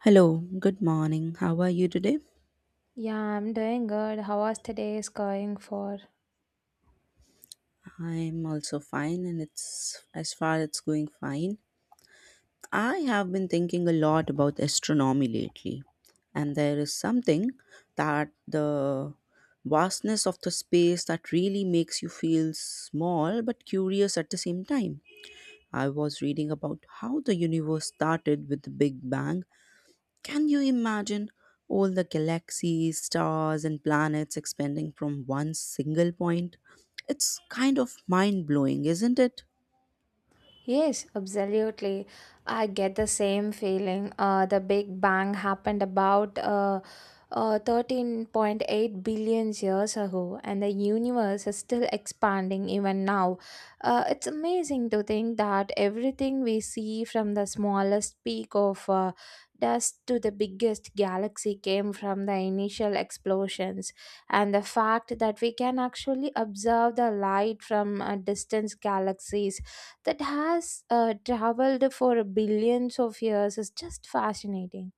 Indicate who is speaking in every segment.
Speaker 1: Hello, good morning. How are you today?
Speaker 2: Yeah, I'm doing good. How was today's going for?
Speaker 1: I'm also fine, and it's as far it's going fine. I have been thinking a lot about astronomy lately, and there is something that the vastness of the space that really makes you feel small but curious at the same time. I was reading about how the universe started with the Big Bang. Can you imagine all the galaxies, stars, and planets expanding from one single point? It's kind of mind blowing, isn't it?
Speaker 2: Yes, absolutely. I get the same feeling. The Big Bang happened about 13.8 billion years ago, and the universe is still expanding even now. It's amazing to think that everything we see from the smallest peak of dust to the biggest galaxy came from the initial explosions. And the fact that we can actually observe the light from distant galaxies that has traveled for billions of years is just fascinating.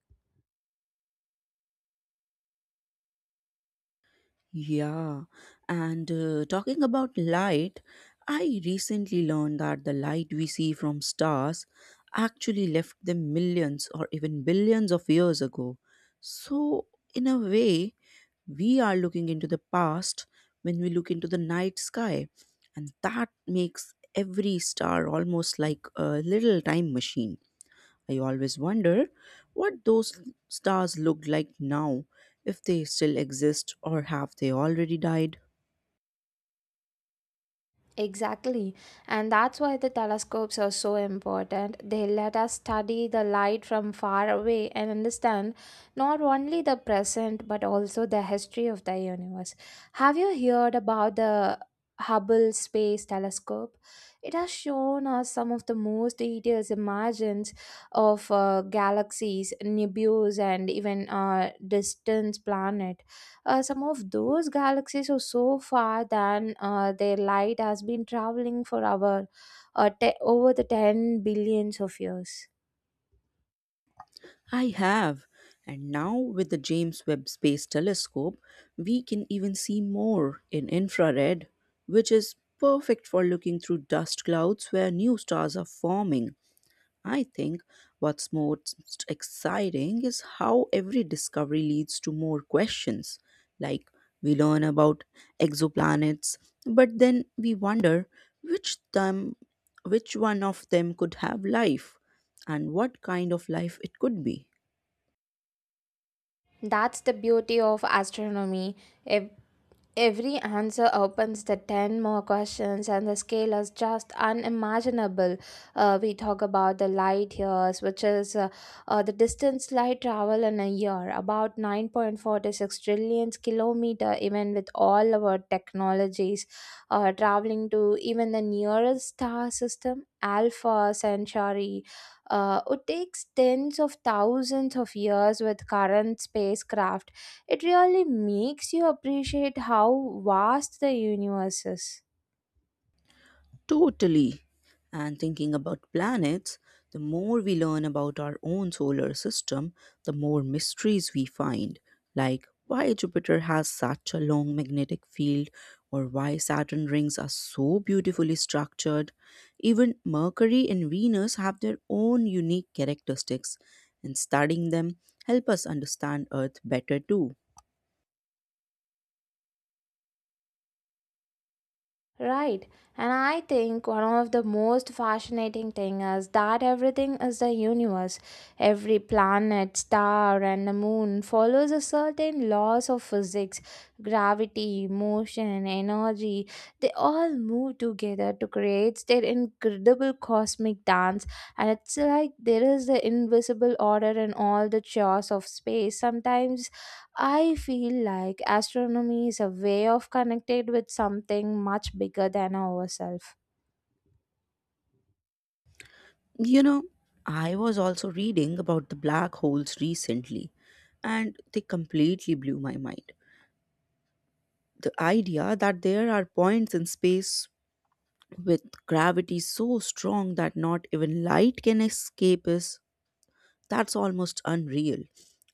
Speaker 1: Yeah, and talking about light, I recently learned that the light we see from stars actually left them millions or even billions of years ago. So, in a way, we are looking into the past when we look into the night sky, and that makes every star almost like a little time machine. I always wonder what those stars look like now, if they still exist or have they already died.
Speaker 2: Exactly. And that's why the telescopes are so important. They let us study the light from far away and understand not only the present but also the history of the universe. Have you heard about the Hubble Space Telescope? It has shown us some of the most detailed images of galaxies, nebulae, and even distant planets. Some of those galaxies are so far that their light has been traveling for our, over the 10 billions of years.
Speaker 1: I have, and now with the James Webb Space Telescope we can even see more in infrared, which is perfect for looking through dust clouds where new stars are forming. I think what's most exciting is how every discovery leads to more questions. Like, we learn about exoplanets, but then we wonder which them, which one of them could have life and what kind of life it could be.
Speaker 2: That's the beauty of astronomy. Ev- Every answer opens the 10 more questions, and the scale is just unimaginable. We talk about the light years, which is the distance light travel in a year, about 9.46 trillion kilometer, even with all our technologies, traveling to even the nearest star system, Alpha Centauri. It takes tens of thousands of years with current spacecraft. It really makes you appreciate how vast the universe is.
Speaker 1: Totally. And thinking about planets, the more we learn about our own solar system, the more mysteries we find, like why Jupiter has such a long magnetic field, or why Saturn rings are so beautifully structured. Even Mercury and Venus have their own unique characteristics, and studying them help us understand Earth better too.
Speaker 2: Right, and I think one of the most fascinating thing is that everything is the universe. Every planet, star, and the moon follows a certain laws of physics, gravity, motion, energy. They all move together to create their incredible cosmic dance, and it's like there is the invisible order in all the chaos of space. Sometimes I feel like astronomy is a way of connected with something much bigger than ourselves.
Speaker 1: You know, I was also reading about the black holes recently, and they completely blew my mind. The idea that there are points in space with gravity so strong that not even light can escape us, that's almost unreal.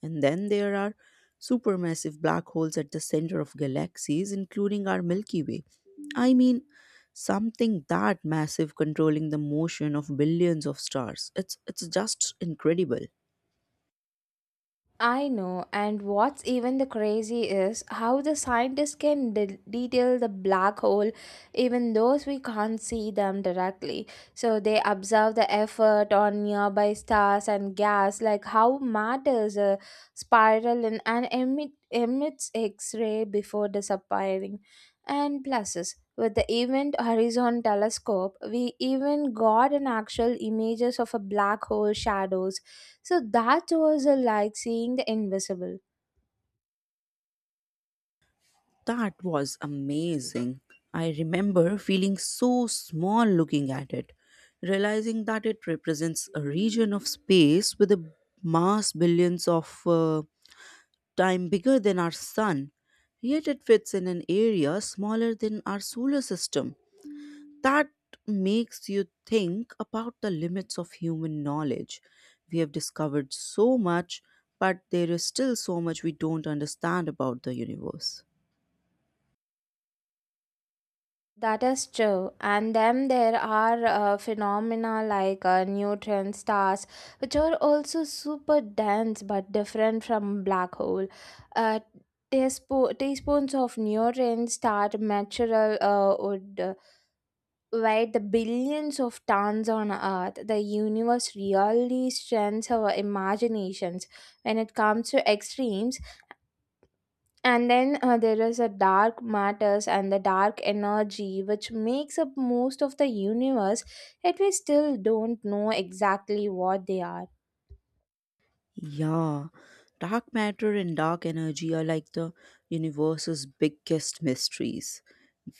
Speaker 1: And then there are supermassive black holes at the center of galaxies, including our Milky Way. I mean, something that massive controlling the motion of billions of stars. It's just incredible.
Speaker 2: I know, and what's even the crazy is how the scientists can detail the black hole, even those we can't see them directly. So they observe the effort on nearby stars and gas, like how matters a spiral in and emits X-ray before disappearing. And pluses with the Event Horizon Telescope, we even got an actual images of a black hole shadows, so that was like seeing the invisible.
Speaker 1: That was amazing. I remember feeling so small looking at it, realizing that it represents a region of space with a mass billions of time bigger than our sun. Yet it fits in an area smaller than our solar system. That makes you think about the limits of human knowledge. We have discovered so much, but there is still so much we don't understand about the universe.
Speaker 2: That is true. And then there are phenomena like neutron stars, which are also super dense but different from black hole. Uh, Teaspoons of neutron star material would weigh the billions of tons on Earth. The universe really strengthens our imaginations when it comes to extremes, and then there is a dark matters and the dark energy which makes up most of the universe, yet we still don't know exactly what they are.
Speaker 1: Yeah, dark matter and dark energy are like the universe's biggest mysteries.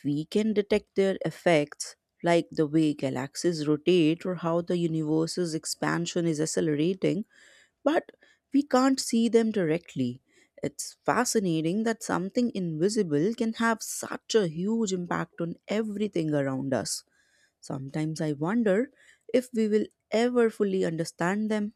Speaker 1: We can detect their effects, like the way galaxies rotate or how the universe's expansion is accelerating, but we can't see them directly. It's fascinating that something invisible can have such a huge impact on everything around us. Sometimes I wonder if we will ever fully understand them.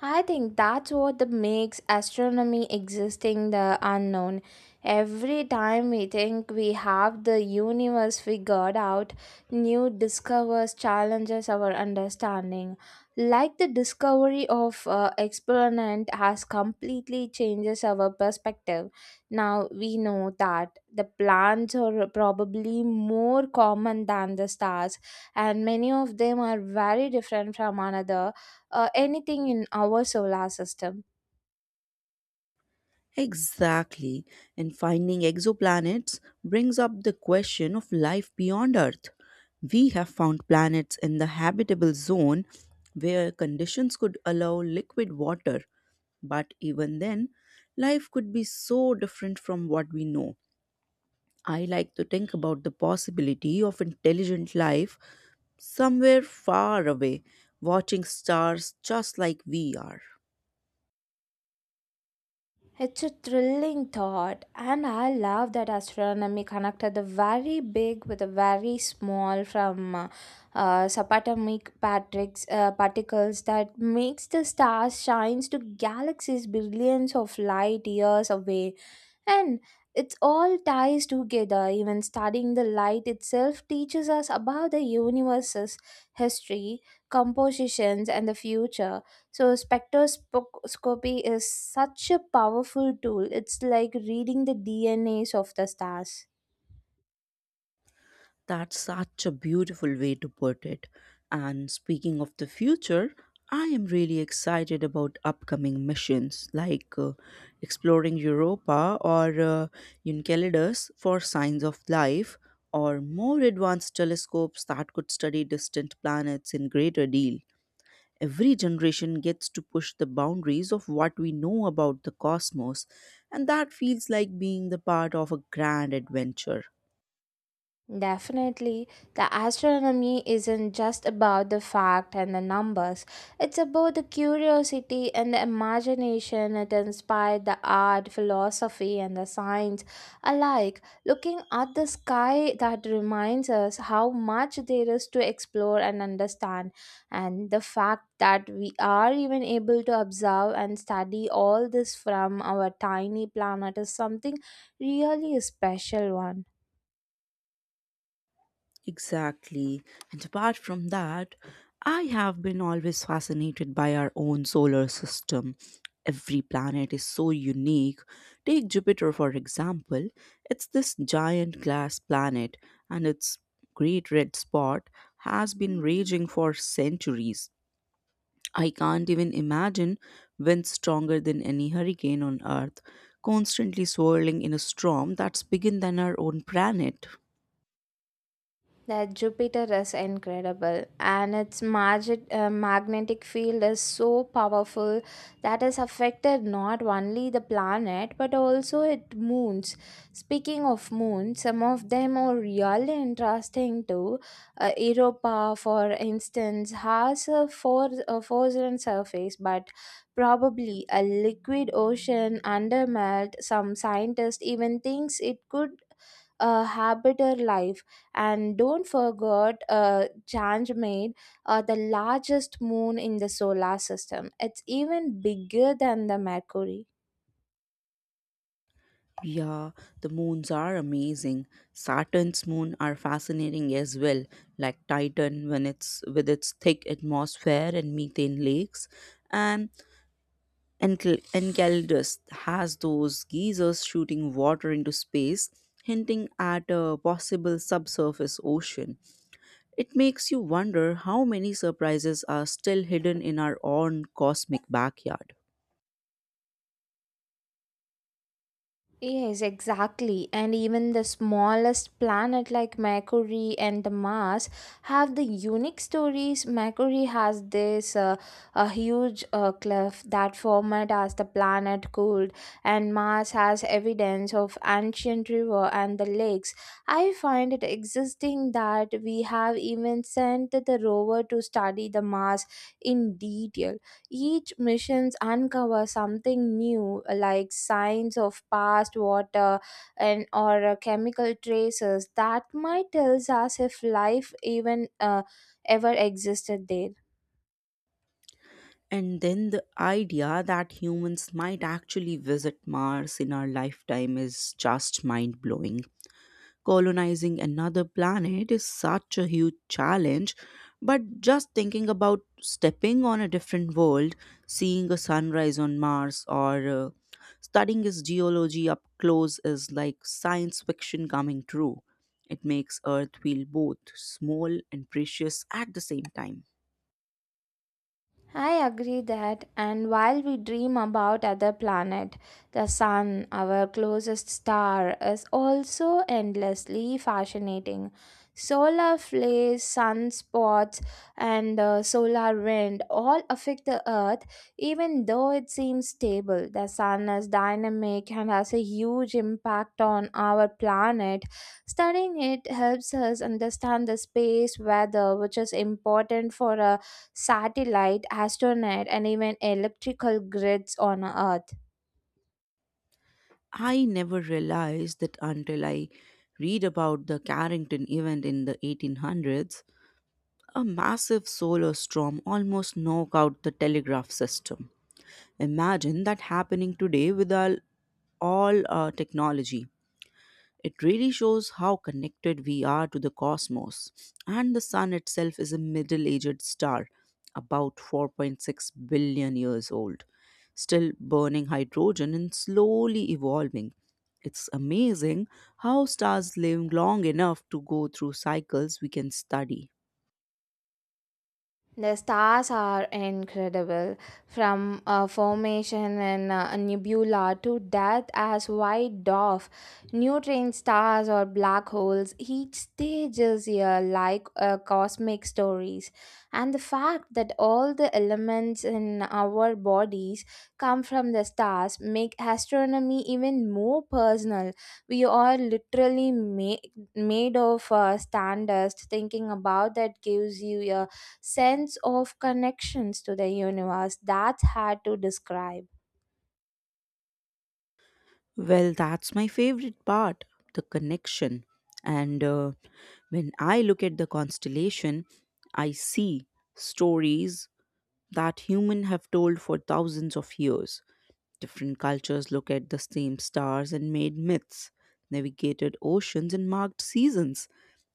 Speaker 2: I think that's what the makes astronomy existing the unknown. Every time we think we have the universe figured out, new discoveries challenges our understanding. Like the discovery of experiment has completely changes our perspective. Now we know that the planets are probably more common than the stars, and many of them are very different from another, anything in our solar system.
Speaker 1: Exactly. And finding exoplanets brings up the question of life beyond Earth. We have found planets in the habitable zone where conditions could allow liquid water, but even then, life could be so different from what we know. I like to think about the possibility of intelligent life somewhere far away, watching stars just like we are.
Speaker 2: It's a thrilling thought, and I love that astronomy connected the very big with the very small, from subatomic patricks, particles that makes the stars shines to galaxies billions of light years away. And it all ties together. Even studying the light itself teaches us about the universe's history, compositions, and the future. So, spectroscopy is such a powerful tool. It's like reading the DNAs of the stars.
Speaker 1: That's such a beautiful way to put it. And speaking of the future, I am really excited about upcoming missions like exploring Europa or Enceladus for signs of life, or more advanced telescopes that could study distant planets in greater deal. Every generation gets to push the boundaries of what we know about the cosmos, and that feels like being the part of a grand adventure.
Speaker 2: Definitely, the astronomy isn't just about the fact and the numbers. It's about the curiosity and the imagination that inspired the art, philosophy, and the science alike. Looking at the sky that reminds us how much there is to explore and understand, and the fact that we are even able to observe and study all this from our tiny planet is something really special one.
Speaker 1: Exactly. And apart from that, I have been always fascinated by our own solar system. Every planet is so unique. Take Jupiter, for example. It's this giant glass planet, and its great red spot has been raging for centuries. I can't even imagine winds stronger than any hurricane on Earth, constantly swirling in a storm that's bigger than our own planet.
Speaker 2: That Jupiter is incredible, and its magnetic field is so powerful that has affected not only the planet but also its moons. Speaking of moons, some of them are really interesting too. Europa, for instance, has a frozen surface, but probably a liquid ocean under melt. Some scientists even thinks it could habiter life. And don't forget Ganymede, the largest moon in the solar system. It's even bigger than the Mercury.
Speaker 1: Yeah, the moons are amazing. Saturn's moon are fascinating as well, like Titan when it's with its thick atmosphere and methane lakes, and Enceladus has those geysers shooting water into space, hinting at a possible subsurface ocean. It makes you wonder how many surprises are still hidden in our own cosmic backyard.
Speaker 2: Yes, exactly. And even the smallest planet like Mercury and the Mars have the unique stories. Mercury has this a huge cliff that formed as the planet cooled, and Mars has evidence of ancient river and the lakes. I find it existing that we have even sent the rover to study the Mars in detail. Each missions uncover something new, like signs of past water and or chemical traces that might tells us if life even ever existed there.
Speaker 1: And then the idea that humans might actually visit Mars in our lifetime is just mind blowing. Colonizing another planet is such a huge challenge, but just thinking about stepping on a different world, seeing a sunrise on Mars, or studying its geology up close is like science fiction coming true. It makes Earth feel both small and precious at the same time.
Speaker 2: I agree that, and while we dream about other planet, the sun, our closest star, is also endlessly fascinating. Solar flares, sunspots, and solar wind all affect the Earth, even though it seems stable. The sun is dynamic and has a huge impact on our planet. Studying it helps us understand the space weather, which is important for a satellite, astronaut, and even electrical grids on Earth.
Speaker 1: I never realized that until I read about the Carrington event in the 1800s. A massive solar storm almost knocked out the telegraph system. Imagine that happening today with all our technology. It really shows how connected we are to the cosmos. And the Sun itself is a middle aged star, about 4.6 billion years old, still burning hydrogen and slowly evolving. It's amazing how stars live long enough to go through cycles we can study.
Speaker 2: The stars are incredible, from formation in a nebula to death as white dwarf. Neutron stars or black holes, each stage is here like cosmic stories. And the fact that all the elements in our bodies come from the stars make astronomy even more personal. We are literally made of standards. Thinking about that gives you a sense of connections to the universe that hard to describe.
Speaker 1: Well, that's my favorite part, the connection. And when I look at the constellation, I see stories that humans have told for thousands of years. Different cultures look at the same stars and made myths, navigated oceans, and marked seasons.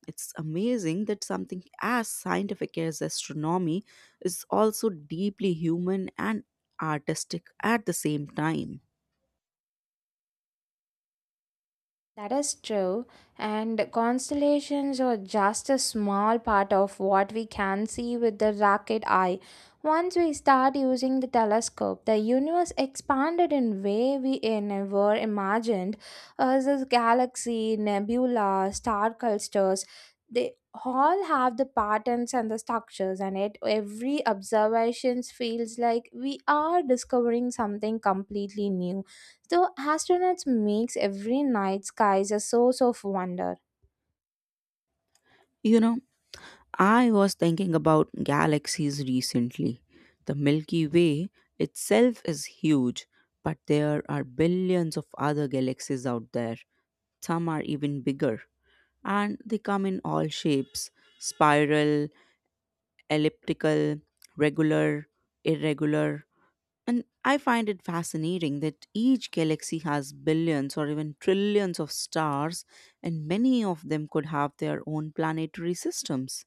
Speaker 1: It's amazing that something as scientific as astronomy is also deeply human and artistic at the same time.
Speaker 2: That is true, and constellations are just a small part of what we can see with the naked eye. Once we start using the telescope, the universe expanded in way we never imagined. As this galaxy, nebula, star clusters, they all have the patterns and the structures, and it every observations feels like we are discovering something completely new, so astronauts makes every night skies a source of wonder.
Speaker 1: You know, I was thinking about galaxies recently. The Milky Way itself is huge, but there are billions of other galaxies out there. Some are even bigger, and they come in all shapes: spiral, elliptical, regular, irregular. And I find it fascinating that each galaxy has billions or even trillions of stars, and many of them could have their own planetary systems.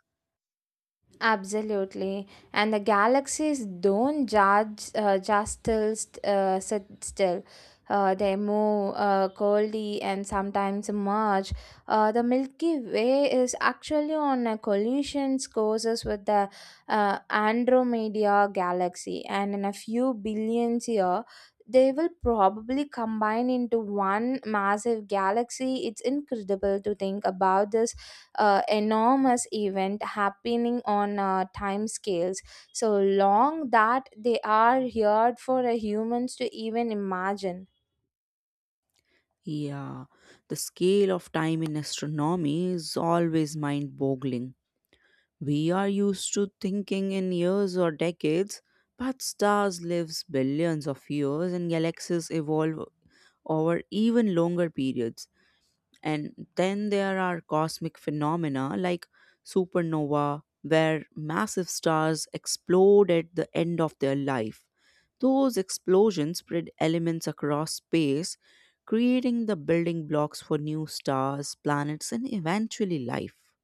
Speaker 2: Absolutely. And the galaxies don't judge, just still sit still. They move coldly and sometimes merge. The Milky Way is actually on a collision courses with the Andromeda galaxy, and in a few billions year, they will probably combine into one massive galaxy. It's incredible to think about this enormous event happening on time scales so long that they are here for humans to even imagine.
Speaker 1: Yeah, the scale of time in astronomy is always mind boggling. We are used to thinking in years or decades, but stars live billions of years and galaxies evolve over even longer periods. And then there are cosmic phenomena like supernova, where massive stars explode at the end of their life. Those explosions spread elements across space, creating the building blocks for new stars, planets, and eventually life.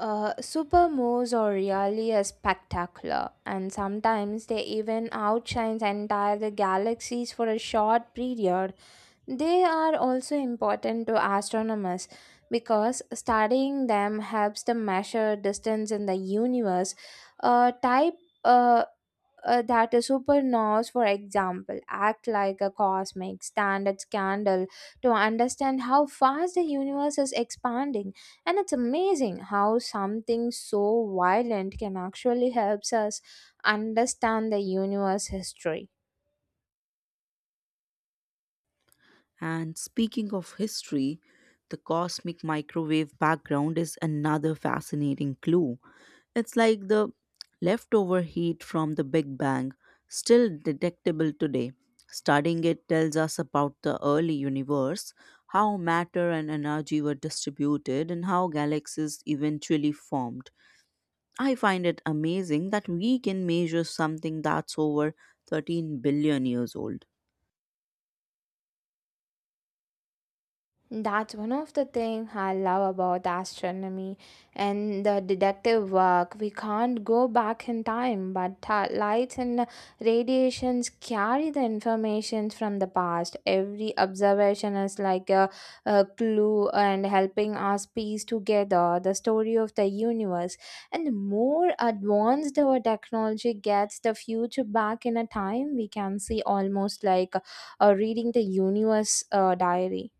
Speaker 2: Supermoons are really a spectacular, and sometimes they even outshine entire galaxies for a short period. They are also important to astronomers because studying them helps them measure distance in the universe. A type, uh, that a supernovas, for example, act like a cosmic standard candle to understand how fast the universe is expanding. And it's amazing how something so violent can actually helps us understand the universe history.
Speaker 1: And speaking of history, the cosmic microwave background is another fascinating clue. It's like the leftover heat from the Big Bang, still detectable today. Studying it tells us about the early universe, how matter and energy were distributed, and how galaxies eventually formed. I find it amazing that we can measure something that's over 13 billion years old.
Speaker 2: That's one of the things I love about astronomy and the deductive work. We can't go back in time, but lights and radiations carry the information from the past. Every observation is like a clue and helping us piece together the story of the universe. And the more advanced our technology gets, the future back in a time, we can see almost like reading the universe diary.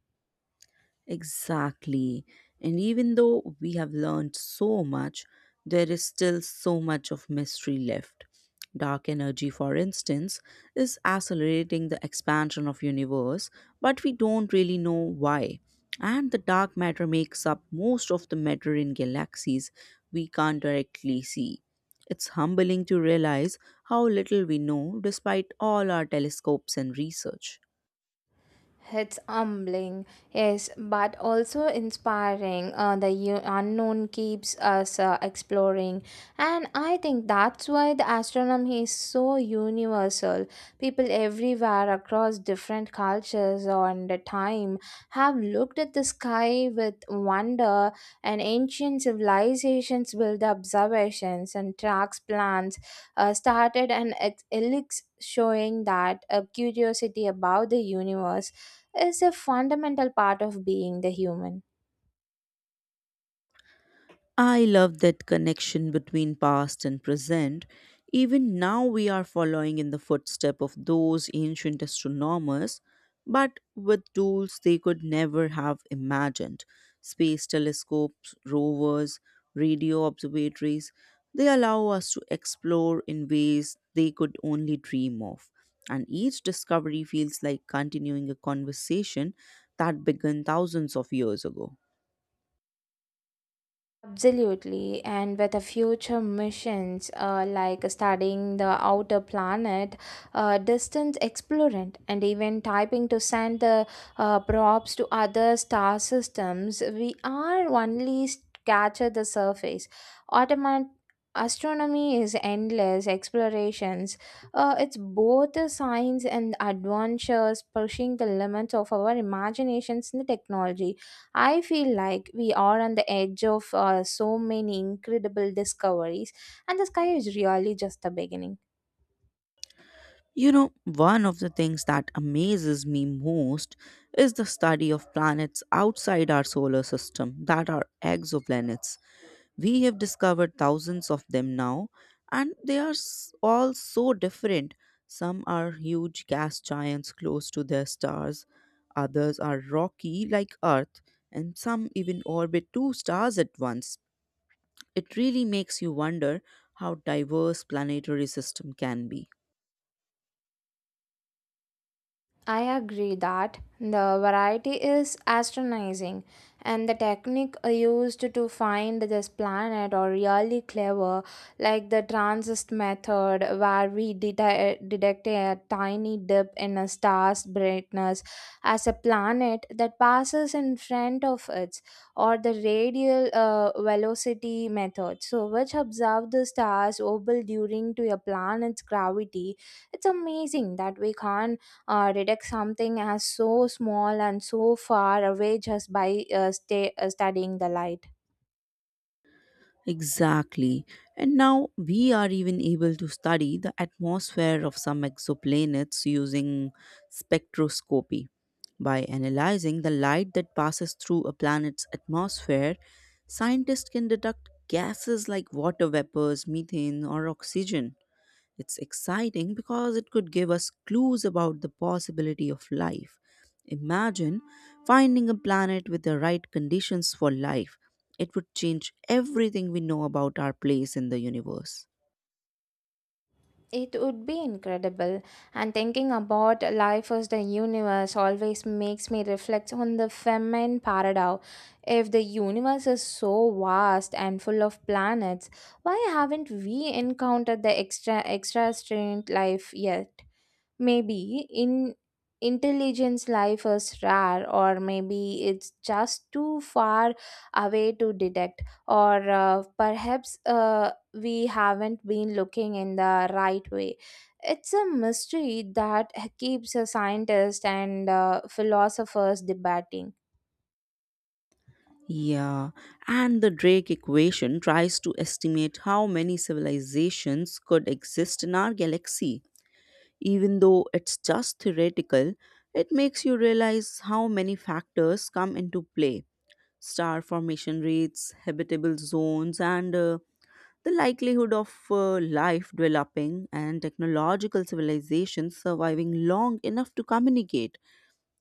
Speaker 1: Exactly. And even though we have learned so much, there is still so much of mystery left. Dark energy, for instance, is accelerating the expansion of universe, but we don't really know why. And the dark matter makes up most of the matter in galaxies we can't directly see. It's humbling to realize how little we know despite all our telescopes and research.
Speaker 2: It's humbling, yes, but also inspiring. Unknown keeps us exploring, and I think that's why the astronomy is so universal. People everywhere across different cultures and the time have looked at the sky with wonder, and ancient civilizations built observations and tracks plans, started an elix showing that a curiosity about the universe is a fundamental part of being the human.
Speaker 1: I love that connection between past and present. Even now, we are following in the footstep of those ancient astronomers, but with tools they could never have imagined. Space telescopes, rovers, radio observatories, they allow us to explore in ways they could only dream of. And each discovery feels like continuing a conversation that began thousands of years ago.
Speaker 2: Absolutely, and with the future missions like studying the outer planet, distance explorant, and even typing to send the probes to other star systems, we are only scratch at the surface. Automat- Astronomy is endless explorations. It's both a science and adventures, pushing the limits of our imaginations and the technology. I feel like we are on the edge of so many incredible discoveries, and the sky is really just the beginning.
Speaker 1: You know, one of the things that amazes me most is the study of planets outside our solar system that are exoplanets. We have discovered thousands of them now, and all so different. Some are huge gas giants close to their stars, others are rocky like Earth, and some even orbit two stars at once. It really makes you wonder how diverse planetary system can be.
Speaker 2: I agree that the variety is astonishing, and the technique used to find this planet are really clever, like the transist method, where we detect a tiny dip in a star's brightness as a planet that passes in front of it, or the radial velocity method, so which observe the star's orbital during to a planet's gravity. It's amazing that we can't detect something as so small and so far away just by studying the light.
Speaker 1: Exactly. And now we are even able to study the atmosphere of some exoplanets using spectroscopy. By analyzing the light that passes through a planet's atmosphere, scientists can detect gases like water vapors, methane, or oxygen. It's exciting because it could give us clues about the possibility of life. Imagine finding a planet with the right conditions for life. It would change everything we know about our place in the universe.
Speaker 2: It would be incredible, and thinking about life as the universe always makes me reflect on the feminine paradox. If the universe is so vast and full of planets, why haven't we encountered the extra strange life yet? Maybe in Intelligence life is rare, or maybe it's just too far away to detect, or perhaps we haven't been looking in the right way. It's a mystery that keeps a scientist and philosophers debating.
Speaker 1: Yeah, and the Drake equation tries to estimate how many civilizations could exist in our galaxy. Even though it's just theoretical, it makes you realize how many factors come into play: star formation rates, habitable zones, and the likelihood of life developing and technological civilizations surviving long enough to communicate.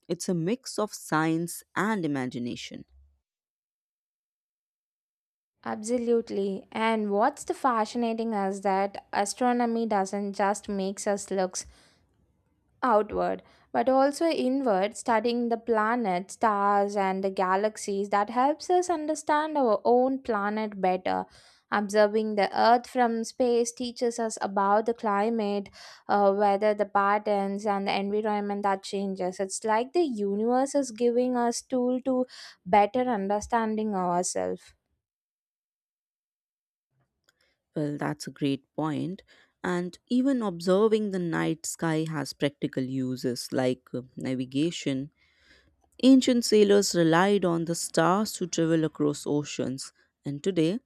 Speaker 1: It's a mix of science and imagination.
Speaker 2: Absolutely. And what's the fascinating is that astronomy doesn't just makes us look outward but also inward, studying the planets stars and the galaxies that helps us understand our own planet better. Observing the earth from space teaches us about the climate, weather the patterns and the environment that changes. It's like the universe is giving us tool to better understanding ourselves.
Speaker 1: Well, that's a great point. And even observing the night sky has practical uses like navigation. Ancient sailors relied on the stars to travel across oceans, and today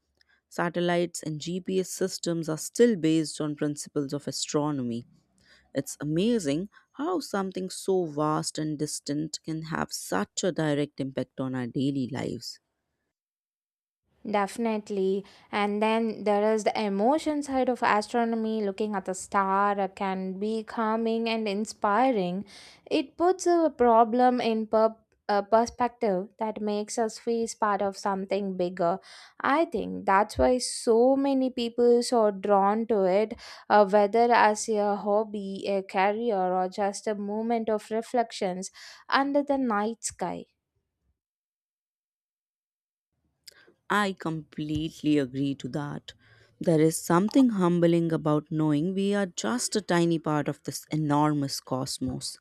Speaker 1: Satellites and GPS systems are still based on principles of astronomy. It's amazing how something so vast and distant can have such a direct impact on our daily lives.
Speaker 2: Definitely. And then there is the emotion side of astronomy. Looking at the star can be calming and inspiring. It puts a problem in a perspective that makes us feel part of something bigger. I think that's why so many people are drawn to it, whether as a hobby, a career, or just a moment of reflections under the night sky.
Speaker 1: I completely agree to that. There is something humbling about knowing we are just a tiny part of this enormous cosmos,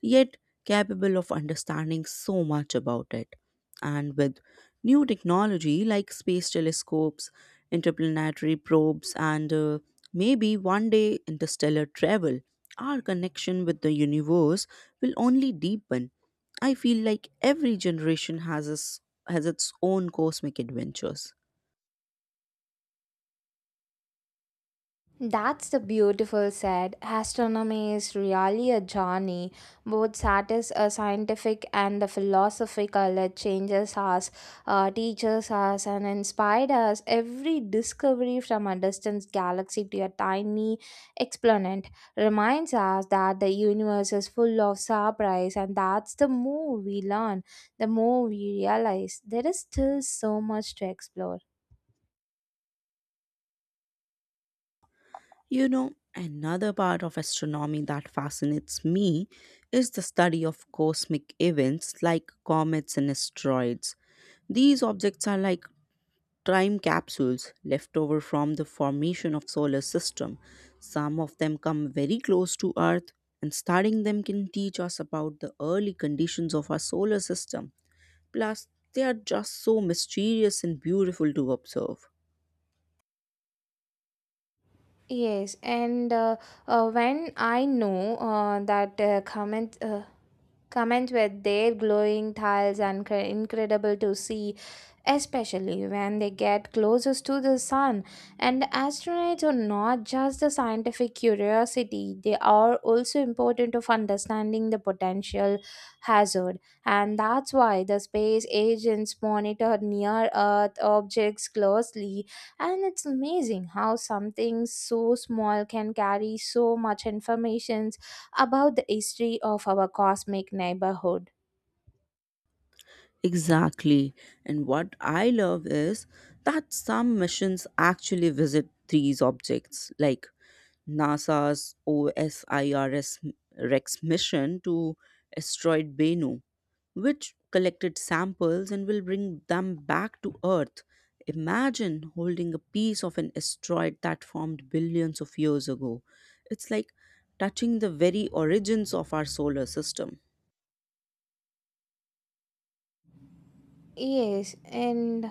Speaker 1: yet capable of understanding so much about it. And with new technology like space telescopes, interplanetary probes, and maybe one day interstellar travel, our connection with the universe will only deepen. I feel like every generation has its own cosmic adventures.
Speaker 2: That's the beautiful said. Astronomy is really a journey, both scientific and the philosophical. It changes us, teaches us, and inspired us. Every discovery from a distant galaxy to a tiny exponent reminds us that the universe is full of surprise, and that's the more we learn, the more we realize there is still so much to explore.
Speaker 1: You know, another part of astronomy that fascinates me is the study of cosmic events like comets and asteroids. These objects are like time capsules left over from the formation of solar system. Some of them come very close to Earth and studying them can teach us about the early conditions of our solar system. Plus, they are just so mysterious and beautiful to observe.
Speaker 2: Yes, and when I know that comments were their glowing tiles and incredible to see, especially when they get closest to the sun. And astronauts are not just the scientific curiosity; they are also important of understanding the potential hazard, and that's why the space agents monitor near Earth objects closely. And it's amazing how something so small can carry so much information about the history of our cosmic neighborhood.
Speaker 1: Exactly. And what I love is that some missions actually visit these objects, like NASA's OSIRS Rex mission to asteroid Bennu, which collected samples and will bring them back to Earth. Imagine holding a piece of an asteroid that formed billions of years ago. It's like touching the very origins of our solar system.
Speaker 2: Yes, and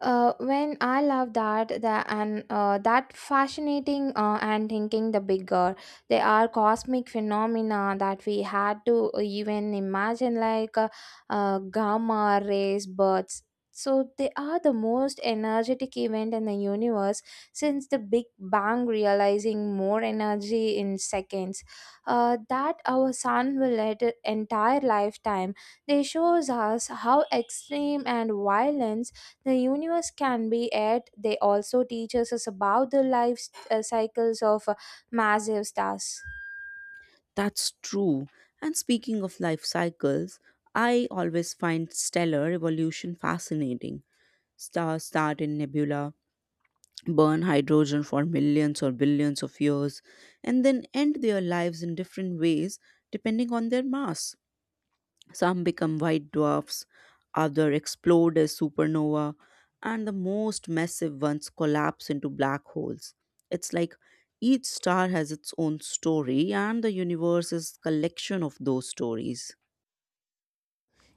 Speaker 2: When I love that the and that fascinating and thinking the bigger they are cosmic phenomena that we had to even imagine like gamma rays birds. So they are the most energetic event in the universe since the Big Bang, realizing more energy in seconds. That our sun will let it entire lifetime. They shows us how extreme and violence the universe can be it. They also teaches us about the life cycles of massive stars.
Speaker 1: That's true. And speaking of life cycles, I always find stellar evolution fascinating. Stars start in nebula, burn hydrogen for millions or billions of years, and then end their lives in different ways depending on their mass. Some become white dwarfs, others explode as supernova, and the most massive ones collapse into black holes. It's like each star has its own story, and the universe is collection of those stories.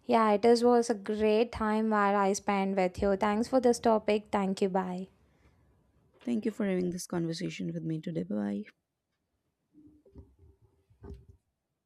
Speaker 2: Yeah, it is, was a great time where I spent with you. Thanks for this topic. Thank you. Bye.
Speaker 1: Thank you for having this conversation with me today. Bye bye.